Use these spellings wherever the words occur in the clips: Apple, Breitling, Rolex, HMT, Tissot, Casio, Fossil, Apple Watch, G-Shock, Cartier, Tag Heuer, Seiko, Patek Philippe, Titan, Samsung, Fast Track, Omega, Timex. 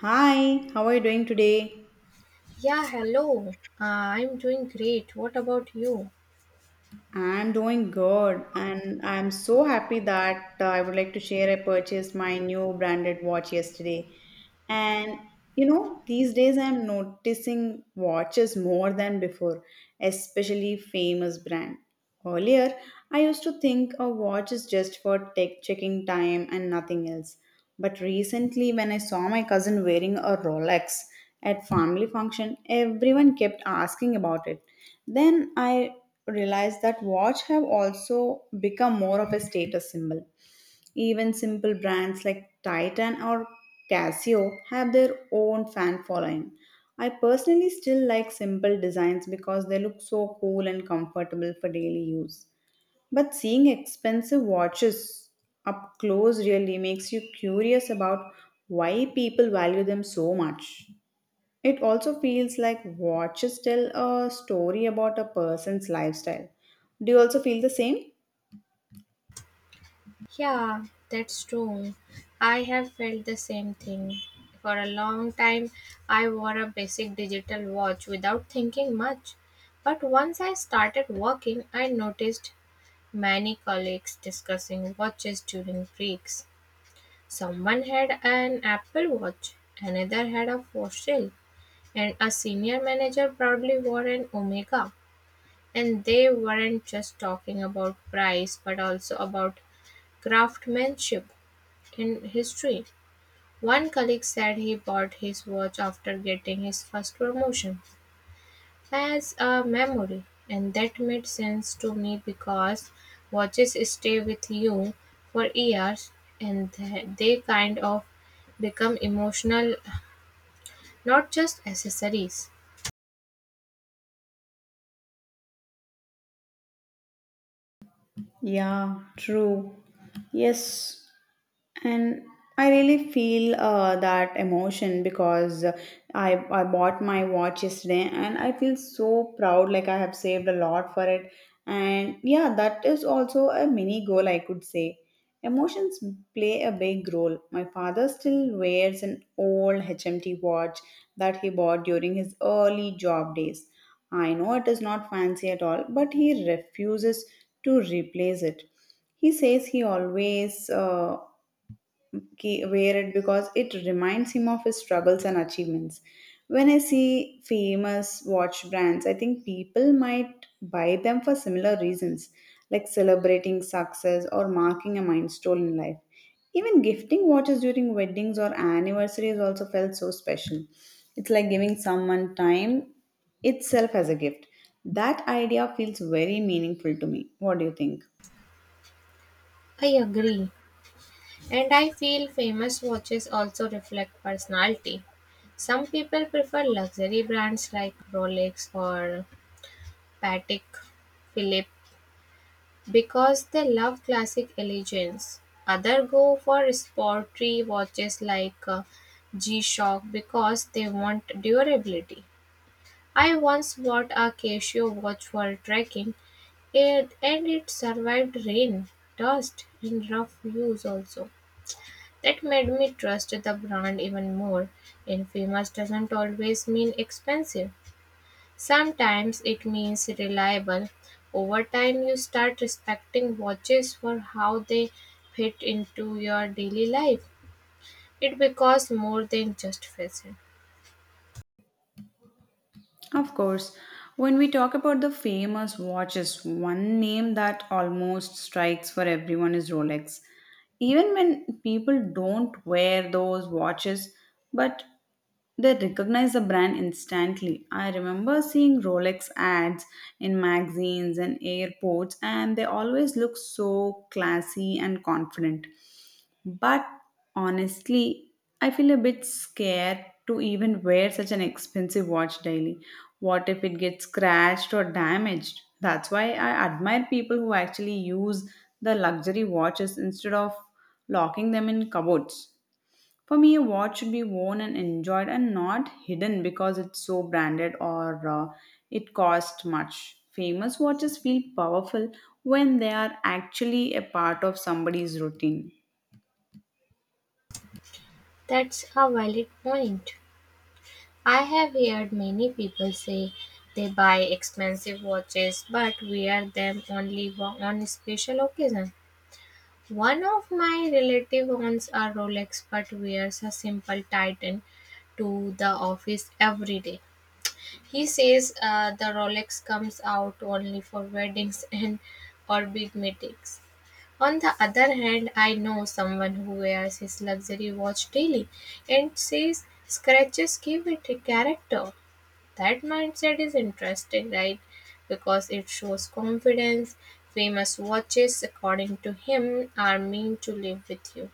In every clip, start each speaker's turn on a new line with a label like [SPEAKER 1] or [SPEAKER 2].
[SPEAKER 1] Hi, how are you doing today?
[SPEAKER 2] Yeah, hello. I'm doing great. What about you?
[SPEAKER 1] I'm doing good, and I'm so happy that I would like to share. I purchased my new branded watch yesterday, and you know, these days I'm noticing watches more than before, especially famous brand. Earlier, I used to think a watch is just for tech checking time and nothing else. But recently, when I saw my cousin wearing a Rolex at family function, everyone kept asking about it then I realized that watch have also become more of a status symbol. Even simple brands like Titan or Casio have their own fan following. I personally still like simple designs because they look so cool and comfortable for daily use. But seeing expensive watches up close really makes you curious about why people value them so much. It also feels like watches tell a story about a person's lifestyle. Do you also feel the same?
[SPEAKER 2] Yeah, that's true. I have felt the same thing. For a long time, I wore a basic digital watch without thinking much. But once I started working, I noticed many colleagues discussing watches during breaks. Someone had an Apple Watch, another had a fossil, and a senior manager proudly wore an Omega. And they weren't just talking about price, but also about craftsmanship in history. One colleague said he bought his watch after getting his first promotion as a memory, and that made sense to me because watches stay with you for years and they kind of become emotional, not just accessories.
[SPEAKER 1] Yeah, true. Yes, and I really feel that emotion because I bought my watch yesterday and I feel so proud like I have saved a lot for it and yeah that is also a mini goal I could say. Emotions play a big role. My father still wears an old HMT watch that he bought during his early job days. I know it is not fancy at all, but he refuses to replace it. He says he always wear it because it reminds him of his struggles and achievements. When I see famous watch brands, I think people might buy them for similar reasons, like celebrating success or marking a milestone in life. Even gifting watches during weddings or anniversaries also felt so special. It's like giving someone time itself as a gift. That idea feels very meaningful to me. What do you think?
[SPEAKER 2] I agree. And I feel famous watches also reflect personality. Some people prefer luxury brands like Rolex or Patek Philippe because they love classic elegance. Others go for sporty watches like G-Shock because they want durability. I once bought a Casio watch for trekking, and it survived rain, dust, and rough use also. That made me trust the brand even more. Infamous doesn't always mean expensive. Sometimes it means reliable. Over time, you start respecting watches for how they fit into your daily life. It becomes more than just fashion.
[SPEAKER 1] Of course, when we talk about the famous watches, one name that almost strikes for everyone is Rolex. Even when people don't wear those watches, but they recognize the brand instantly. I remember seeing Rolex ads in magazines and airports, and they always look so classy and confident. But honestly, I feel a bit scared to even wear such an expensive watch daily. What if it gets scratched or damaged? That's why I admire people who actually use the luxury watches instead of locking them in cupboards. For me, a watch should be worn and enjoyed and not hidden because it's so branded or it cost much. Famous watches feel powerful when they are actually a part of somebody's routine.
[SPEAKER 2] That's a valid point. I have heard many people say they buy expensive watches but wear them only on special occasion. One of my relative owns a Rolex but wears a simple Titan to the office every day. He says the Rolex comes out only for weddings and or big meetings. On the other hand, I know someone who wears his luxury watch daily and says scratches give it a character. That mindset is interesting, right? Because it shows confidence. Famous watches, according to him, are meant to live with you.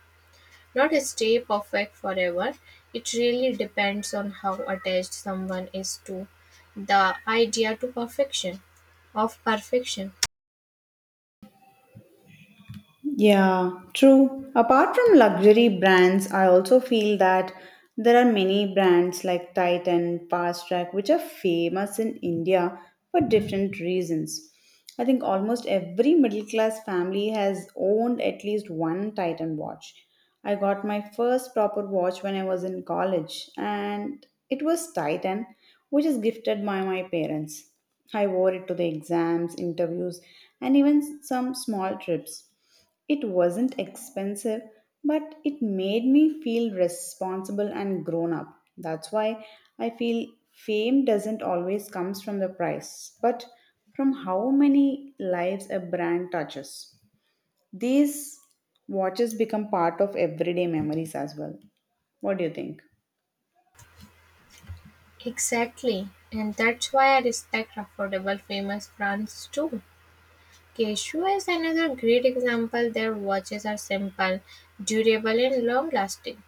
[SPEAKER 2] Not stay perfect forever, it really depends on how attached someone is to the idea to perfection of perfection.
[SPEAKER 1] Yeah, true. Apart from luxury brands, I also feel that there are many brands like Titan, Fast Track, which are famous in India for different reasons. I think almost every middle class family has owned at least one Titan watch. I got my first proper watch when I was in college, and it was Titan, which is gifted by my parents. I wore it to the exams, interviews, and even some small trips. It wasn't expensive, but it made me feel responsible and grown up. That's why I feel fame doesn't always comes from the price, but from how many lives a brand touches. These watches become part of everyday memories as well. What do you think?
[SPEAKER 2] Exactly. And that's why I respect affordable famous brands too. Cashew is another great example. Their watches are simple, durable and long lasting.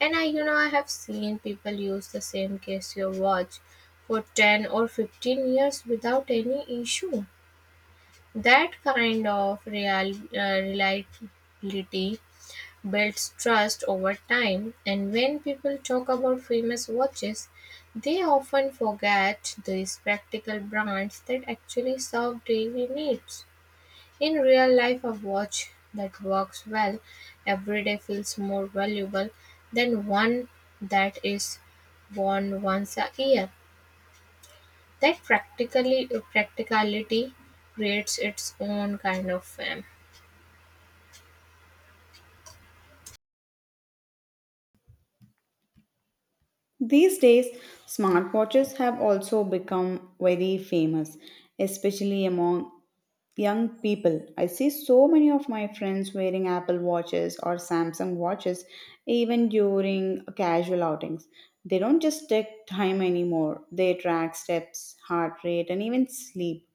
[SPEAKER 2] And I I have seen people use the same Casio watch for 10 or 15 years without any issue. That kind of reliability builds trust over time, and when people talk about famous watches, they often forget these practical brands that actually serve daily needs. In real life, a watch that works well every day feels more valuable than one that is worn once a year. That practically practicality creates its own kind of fame.
[SPEAKER 1] These days, smartwatches have also become very famous, especially among young people. I see so many of my friends wearing apple watches or samsung watches even during casual outings. They don't just check time anymore. They track steps, heart rate, and even sleep.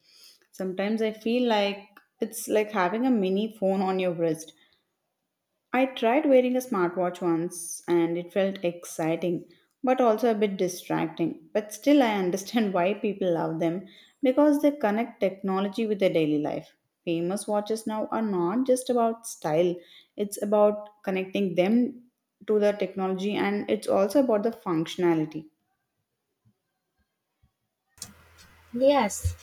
[SPEAKER 1] Sometimes I feel like it's like having a mini phone on your wrist. I tried wearing a smartwatch once and it felt exciting but also a bit distracting. But still, I understand why people love them because they connect technology with their daily life. Famous watches now are not just about style, it's about connecting them to the technology and it's also about the functionality.
[SPEAKER 2] Yes,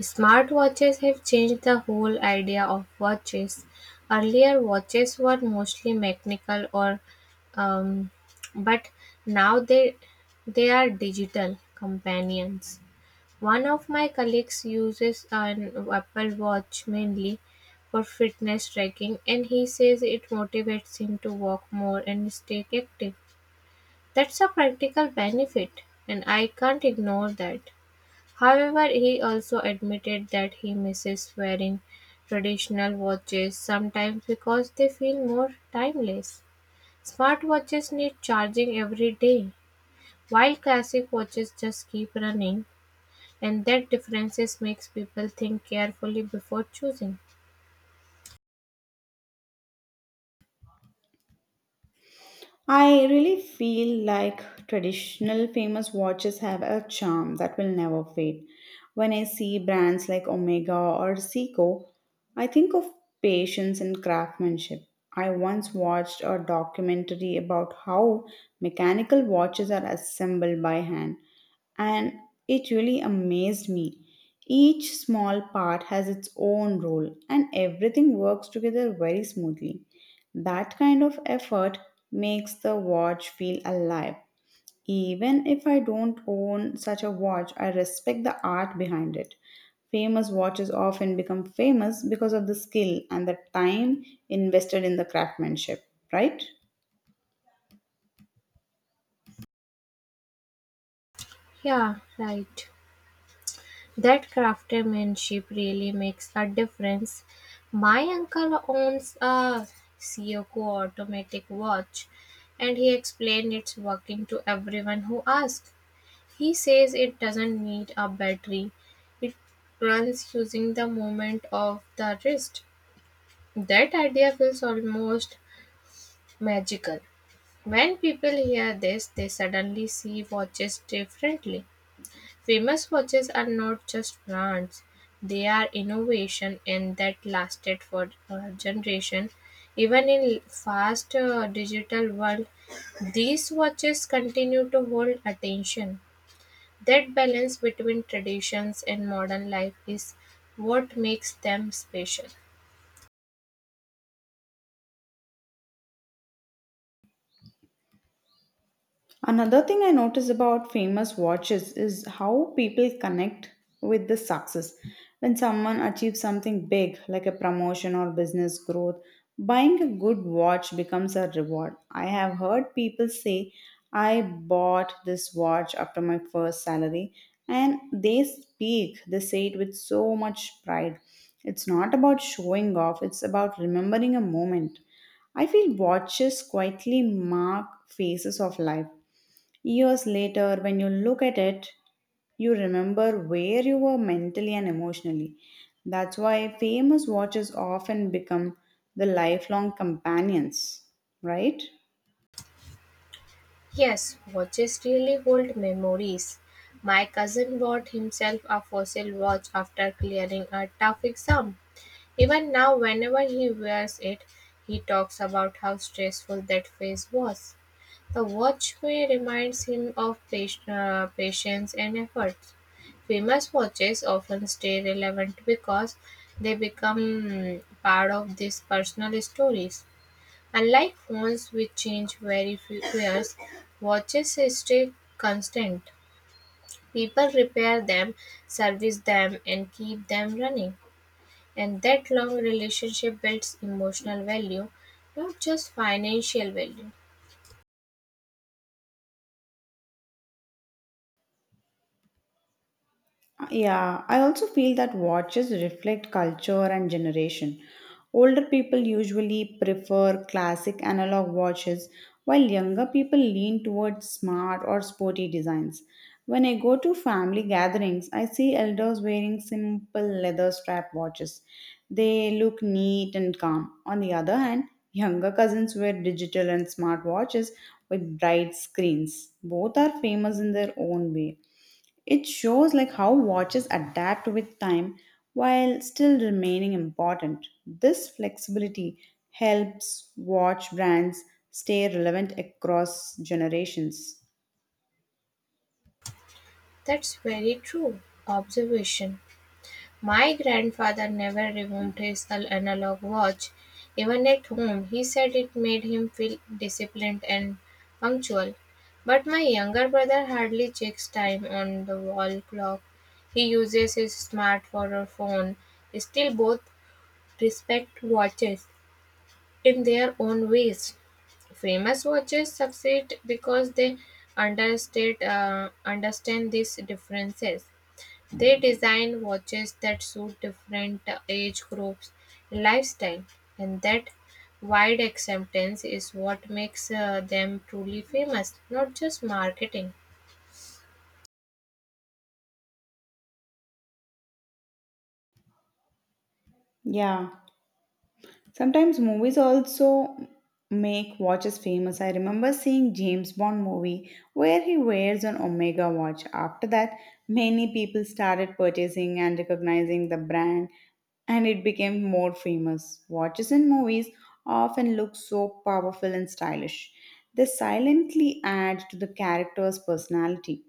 [SPEAKER 2] smartwatches have changed the whole idea of watches. Earlier, watches were mostly mechanical, or um, but now they are digital companions. One of my colleagues uses an Apple Watch mainly for fitness tracking, and he says it motivates him to walk more and stay active. That's a practical benefit, and I can't ignore that. However, he also admitted that he misses wearing traditional watches sometimes because they feel more timeless. Smartwatches need charging every day, while classic watches just keep running, and that differences makes people think carefully before choosing.
[SPEAKER 1] I really feel like traditional famous watches have a charm that will never fade. When I see brands like Omega or Seiko, I think of patience and craftsmanship. I once watched a documentary about how mechanical watches are assembled by hand and it really amazed me. Each small part has its own role, and everything works together very smoothly. That kind of effort makes the watch feel alive. Even if I don't own such a watch, I respect the art behind it. Famous watches often become famous because of the skill and the time invested in the craftsmanship, right?
[SPEAKER 2] Yeah, right. That craftsmanship really makes a difference. My uncle owns a Seiko automatic watch and he explained its working to everyone who asked. He says it doesn't need a battery. It runs using the movement of the wrist. That idea feels almost magical. When people hear this, they suddenly see watches differently. Famous watches are not just brands, they are innovation, and that lasted for a generation. Even in fast digital world, these watches continue to hold attention. That balance between traditions and modern life is what makes them special.
[SPEAKER 1] Another thing I notice about famous watches is how people connect with the success. When someone achieves something big, like a promotion or business growth, buying a good watch becomes a reward. I have heard people say, I bought this watch after my first salary, and they say it with so much pride. It's not about showing off, it's about remembering a moment. I feel watches quietly mark phases of life. Years later, when you look at it, you remember where you were mentally and emotionally. That's why famous watches often become the lifelong companions, right?
[SPEAKER 2] Yes, watches really hold memories. My cousin bought himself a fossil watch after clearing a tough exam. Even now, whenever he wears it, he talks about how stressful that phase was. The watchway reminds him of patience and effort. Famous watches often stay relevant because they become part of these personal stories. Unlike phones which change very few years, watches stay constant. People repair them, service them, and keep them running. And that long relationship builds emotional value, not just financial value.
[SPEAKER 1] Yeah, I also feel that watches reflect culture and generation. Older people usually prefer classic analog watches, while younger people lean towards smart or sporty designs. When I go to family gatherings, I see elders wearing simple leather strap watches. They look neat and calm. On the other hand, younger cousins wear digital and smart watches with bright screens. Both are famous in their own way. It shows like how watches adapt with time while still remaining important. This flexibility helps watch brands stay relevant across generations.
[SPEAKER 2] That's very true observation. My grandfather never removed his analog watch, even at home. He said it made him feel disciplined and punctual. But my younger brother hardly checks time on the wall clock. He uses his smartphone or phone. Still, both respect watches in their own ways. Famous watches succeed because they understand these differences. They design watches that suit different age groups and lifestyle, and that wide acceptance is what makes them truly famous, not just marketing.
[SPEAKER 1] Yeah. Sometimes movies also make watches famous. I remember seeing James Bond movie where he wears an Omega watch. After that, many people started purchasing and recognizing the brand and it became more famous. Watches in movies often look so powerful and stylish. They silently add to the character's personality.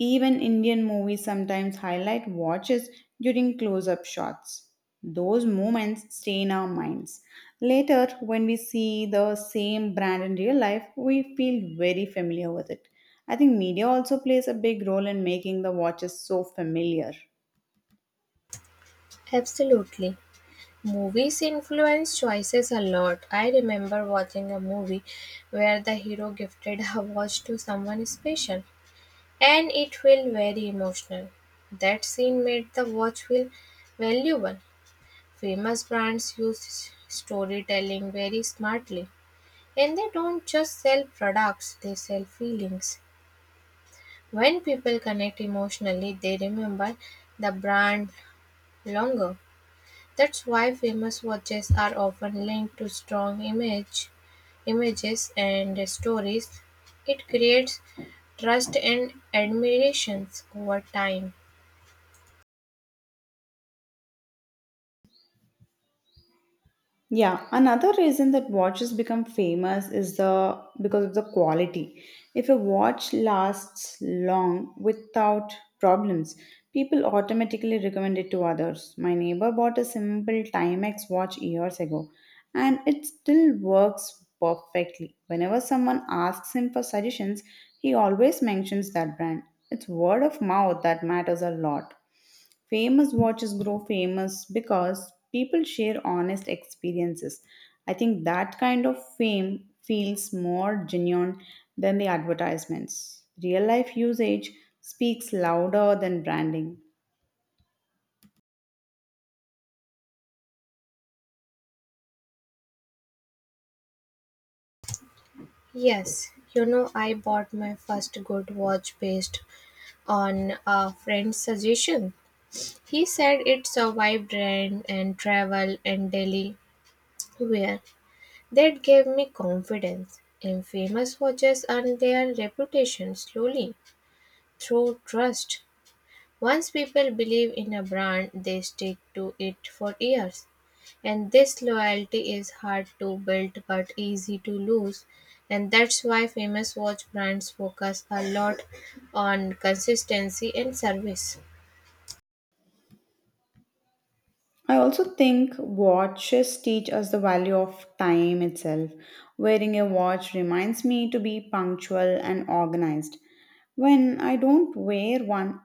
[SPEAKER 1] Even Indian movies sometimes highlight watches during close up shots. Those moments stay in our minds. Later, when we see the same brand in real life, we feel very familiar with it. I think media also plays a big role in making the watches so familiar.
[SPEAKER 2] Absolutely. Movies influence choices a lot. I remember watching a movie where the hero gifted a watch to someone special and it felt very emotional. That scene made the watch feel valuable. Famous brands use storytelling very smartly. And they don't just sell products, they sell feelings. When people connect emotionally, they remember the brand longer. That's why famous watches are often linked to images and stories. It creates trust and admirations over time.
[SPEAKER 1] Yeah, another reason that watches become famous is the because of the quality. If a watch lasts long without problems, people automatically recommend it to others. My neighbor bought a simple Timex watch years ago, and it still works perfectly. Whenever someone asks him for suggestions, he always mentions that brand. It's word of mouth that matters a lot. Famous watches grow famous because people share honest experiences. I think that kind of fame feels more genuine than the advertisements. Real life usage speaks louder than branding.
[SPEAKER 2] Yes, you know, I bought my first good watch based on a friend's suggestion. He said it survived rain and travel and Delhi wear. That gave me confidence. And famous watches earn their reputation slowly through trust. Once people believe in a brand, they stick to it for years. And this loyalty is hard to build but easy to lose. And that's why famous watch brands focus a lot on consistency and service.
[SPEAKER 1] I also think watches teach us the value of time itself. Wearing a watch reminds me to be punctual and organized. When I don't wear one,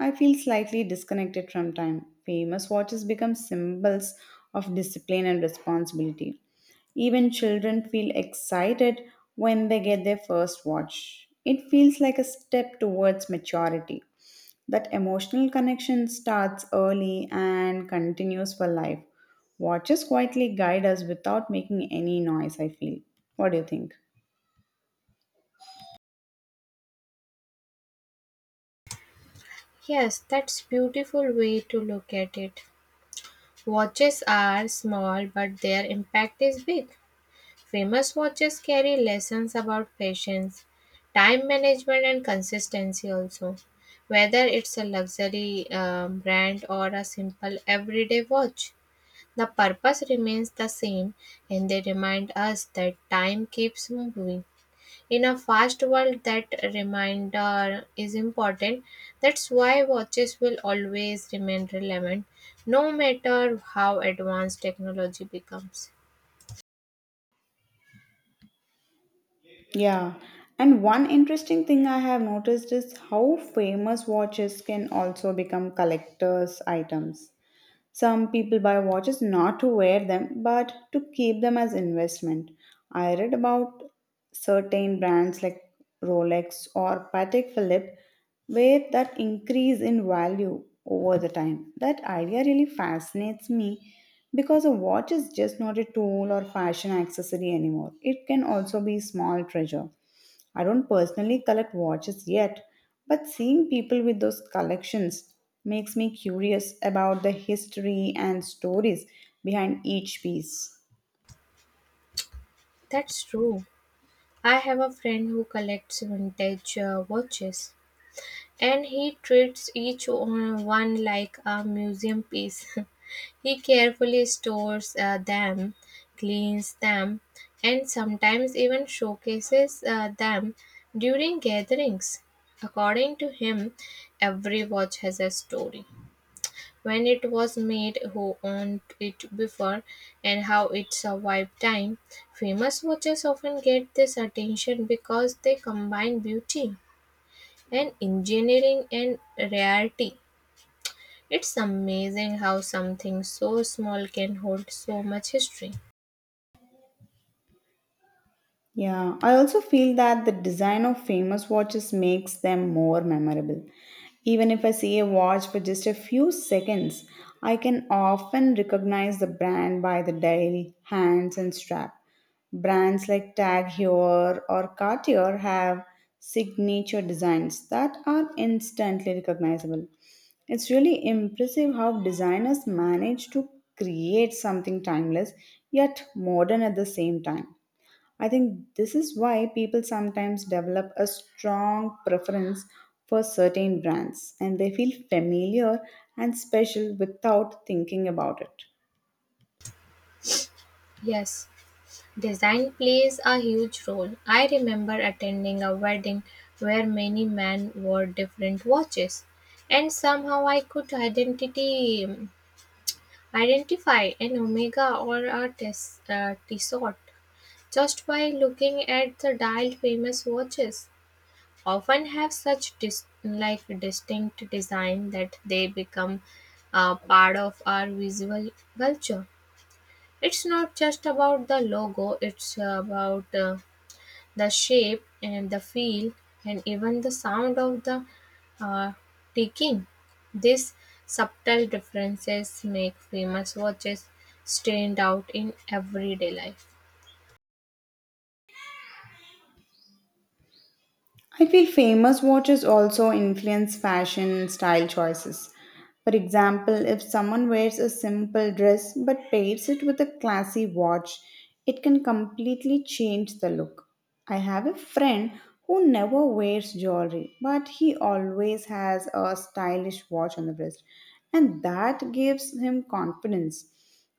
[SPEAKER 1] I feel slightly disconnected from time. Famous watches become symbols of discipline and responsibility. Even children feel excited when they get their first watch. It feels like a step towards maturity. That emotional connection starts early and continues for life. Watches quietly guide us without making any noise, I feel. What do you think?
[SPEAKER 2] Yes, that's beautiful way to look at it. Watches are small, but their impact is big. Famous watches carry lessons about patience, time management, and consistency also. Whether it's a luxury brand or a simple everyday watch, the purpose remains the same and they remind us that time keeps moving. In a fast world, that reminder is important. That's why watches will always remain relevant, no matter how advanced technology becomes.
[SPEAKER 1] Yeah. And one interesting thing I have noticed is how famous watches can also become collectors' items. Some people buy watches not to wear them, but to keep them as investment. I read about certain brands like Rolex or Patek Philippe where that increase in value over the time. That idea really fascinates me because a watch is just not a tool or fashion accessory anymore. It can also be small treasure. I don't personally collect watches yet, but seeing people with those collections makes me curious about the history and stories behind each piece.
[SPEAKER 2] That's true. I have a friend who collects vintage watches. And he treats each one like a museum piece. He carefully stores them, cleans them, and sometimes even showcases them during gatherings. According to him, every watch has a story. When it was made, who owned it before, and how it survived time. Famous watches often get this attention because they combine beauty and engineering and rarity. It's amazing how something so small can hold so much history.
[SPEAKER 1] Yeah, I also feel that the design of famous watches makes them more memorable. Even if I see a watch for just a few seconds, I can often recognize the brand by the dial, hands, and strap. Brands like Tag Heuer or Cartier have signature designs that are instantly recognizable. It's really impressive how designers manage to create something timeless yet modern at the same time. I think this is why people sometimes develop a strong preference for certain brands and they feel familiar and special without thinking about it.
[SPEAKER 2] Yes, design plays a huge role. I remember attending a wedding where many men wore different watches and somehow I could identity identify an omega or a Tissot just by looking at the dialed famous watches, often have such distinct design that they become part of our visual culture. It's not just about the logo; it's about the shape and the feel and even the sound of the uh, ticking. These subtle differences make famous watches stand out in everyday life.
[SPEAKER 1] I feel famous watches also influence fashion style choices. For example, if someone wears a simple dress but pairs it with a classy watch, it can completely change the look. I have a friend who never wears jewelry, but he always has a stylish watch on the wrist, and that gives him confidence.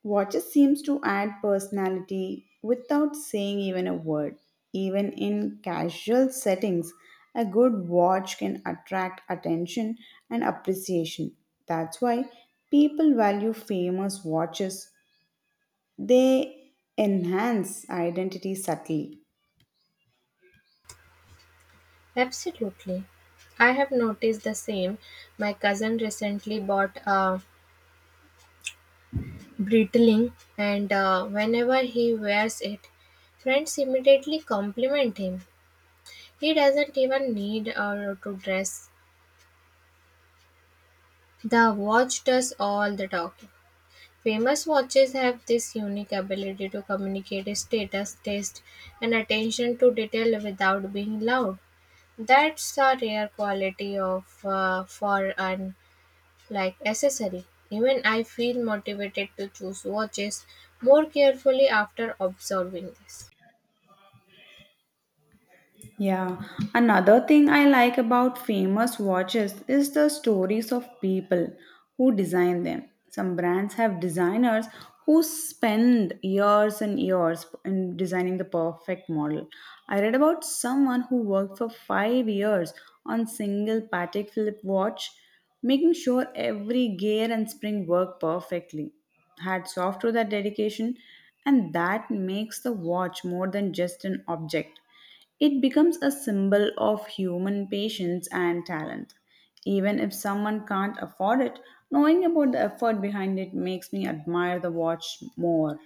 [SPEAKER 1] Water seems to add personality without saying even a word. Even in casual settings, a good watch can attract attention and appreciation. That's why people value famous watches. They enhance identity subtly.
[SPEAKER 2] Absolutely. I have noticed the same. My cousin recently bought a brittling, and whenever he wears it, friends immediately compliment him. He doesn't even need to dress. The watch does all the talking. Famous watches have this unique ability to communicate status, taste, and attention to detail without being loud. That's a rare quality of for an like accessory. Even I feel motivated to choose watches more carefully after observing this.
[SPEAKER 1] Yeah, another thing I like about famous watches is the stories of people who design them. Some brands have designers who spend years and years in designing the perfect model. I read about someone who worked for 5 years on single Patek Philippe watch, making sure every gear and spring work perfectly. Hats off to that dedication, and that makes the watch more than just an object. It becomes a symbol of human patience and talent. Even if someone can't afford it, knowing about the effort behind it makes me admire the watch more.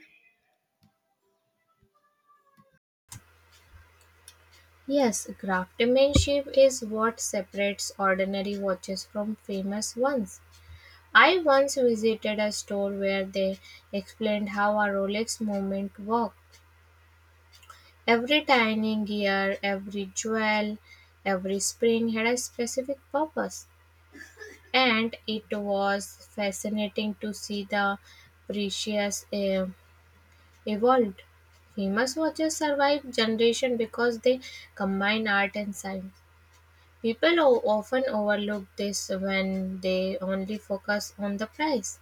[SPEAKER 2] Yes, craftsmanship is what separates ordinary watches from famous ones. I once visited a store where they explained how a Rolex movement worked. Every tiny gear, every jewel, every spring had a specific purpose. And it was fascinating to see the precious evolved. Famous watches survive generation because they combine art and science. People often overlook this when they only focus on the price,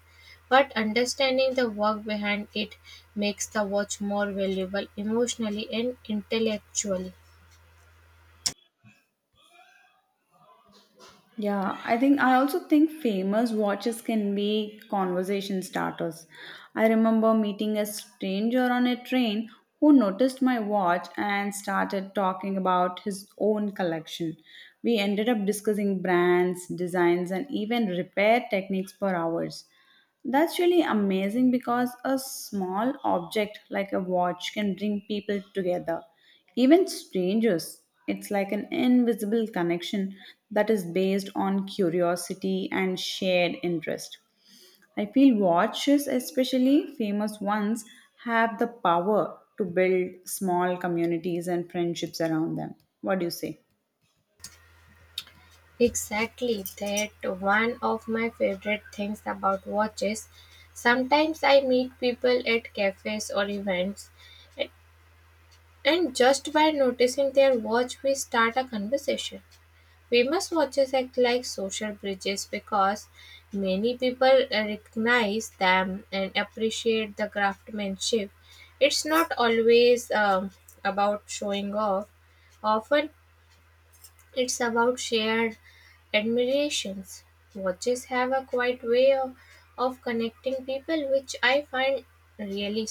[SPEAKER 2] but understanding the work behind it makes the watch more valuable emotionally and intellectually.
[SPEAKER 1] Yeah, I also think famous watches can be conversation starters. I remember meeting a stranger on a train who noticed my watch and started talking about his own collection. We ended up discussing brands, designs, and even repair techniques for hours. That's really amazing because a small object like a watch can bring people together, even strangers. It's like an invisible connection that is based on curiosity and shared interest. I feel watches, especially famous ones, have the power to build small communities and friendships around them. What do you say?
[SPEAKER 2] Exactly, that one of my favorite things about watches. Sometimes I meet people at cafes or events, and just by noticing their watch, we start a conversation. We must watch acts like social bridges because many people recognize them and appreciate the craftsmanship. It's not always about showing off, often, it's about shared admirations. Watches have a quiet way of connecting people, which I find really.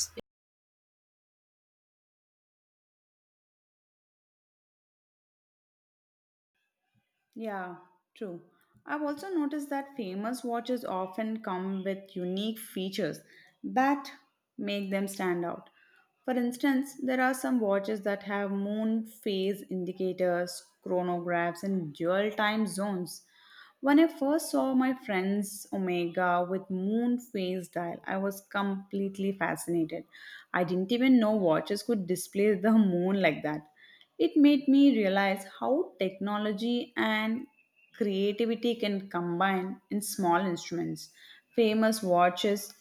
[SPEAKER 1] Yeah, true. I've also noticed that famous watches often come with unique features that make them stand out. For instance, there are some watches that have moon phase indicators, chronographs, and dual time zones. When I first saw my friend's Omega with moon phase dial, I was completely fascinated. I didn't even know watches could display the moon like that. It made me realize how technology and creativity can combine in small instruments. Famous watches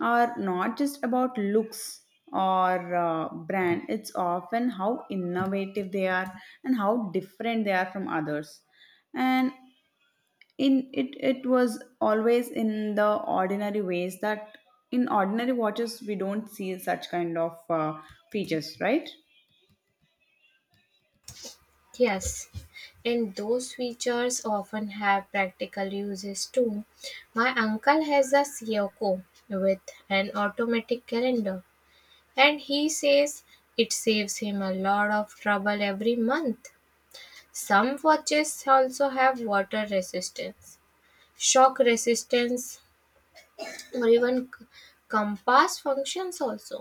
[SPEAKER 1] are not just about looks or brand, it's often how innovative they are and how different they are from others. And in it it was always in the ordinary ways that in ordinary watches we don't see such kind of features, right?
[SPEAKER 2] Yes, and those features often have practical uses too. My uncle has a Seiko with an automatic calendar, and he says it saves him a lot of trouble every month. Some watches also have water resistance, shock resistance, or even compass functions also.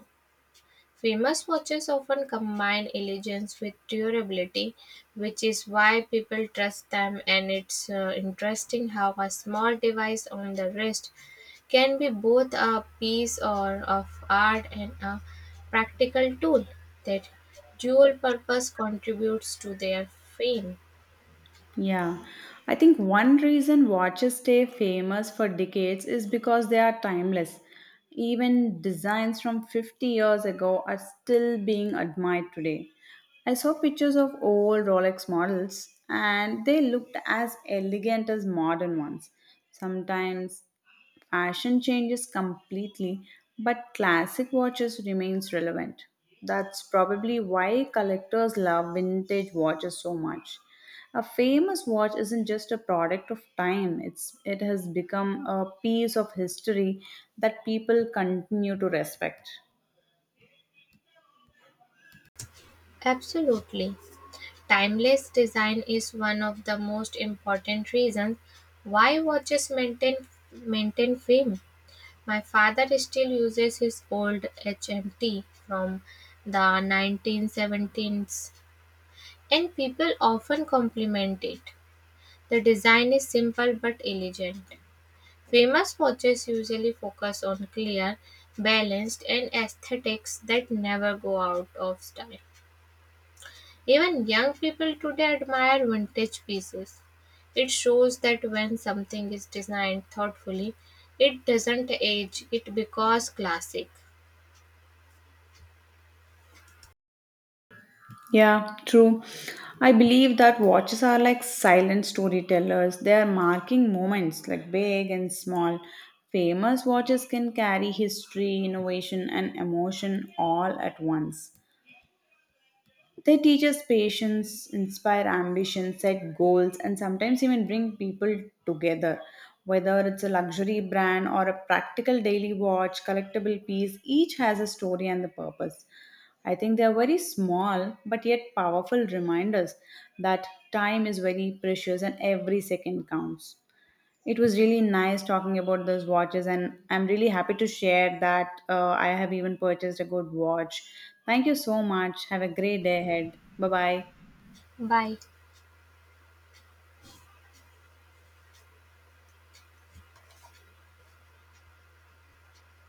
[SPEAKER 2] Famous watches often combine elegance with durability, which is why people trust them. And it's interesting how a small device on the wrist can be both a piece or of art and a practical tool. That dual purpose contributes to their fame.
[SPEAKER 1] Yeah, I think one reason watches stay famous for decades is because they are timeless. Even designs from 50 years ago are still being admired today. I saw pictures of old rolex models and they looked as elegant as modern ones sometimes. Fashion changes completely, but classic watches remains relevant. That's probably why collectors love vintage watches so much. A famous watch isn't just a product of time, it has become a piece of history that people continue to respect.
[SPEAKER 2] Absolutely. Timeless design is one of the most important reasons why watches maintain fame. My father still uses his old HMT from the 1970s, and people often compliment it. The design is simple but elegant. Famous watches usually focus on clear, balanced, and aesthetics that never go out of style. Even young people today admire vintage pieces. It shows that when something is designed thoughtfully, it doesn't age, it becomes classic.
[SPEAKER 1] Yeah, true. I believe that watches are like silent storytellers. They are marking moments like big and small. Famous watches can carry history, innovation, and emotion all at once. They teach us patience, inspire ambition, set goals, and sometimes even bring people together. Whether it's a luxury brand or a practical daily watch, collectible piece, each has a story and the purpose. I think they are very small but yet powerful reminders that time is very precious and every second counts. It was really nice talking about those watches, and I'm really happy to share that I have even purchased a good watch. Thank you so much. Have a great day ahead. Bye bye.
[SPEAKER 2] Bye.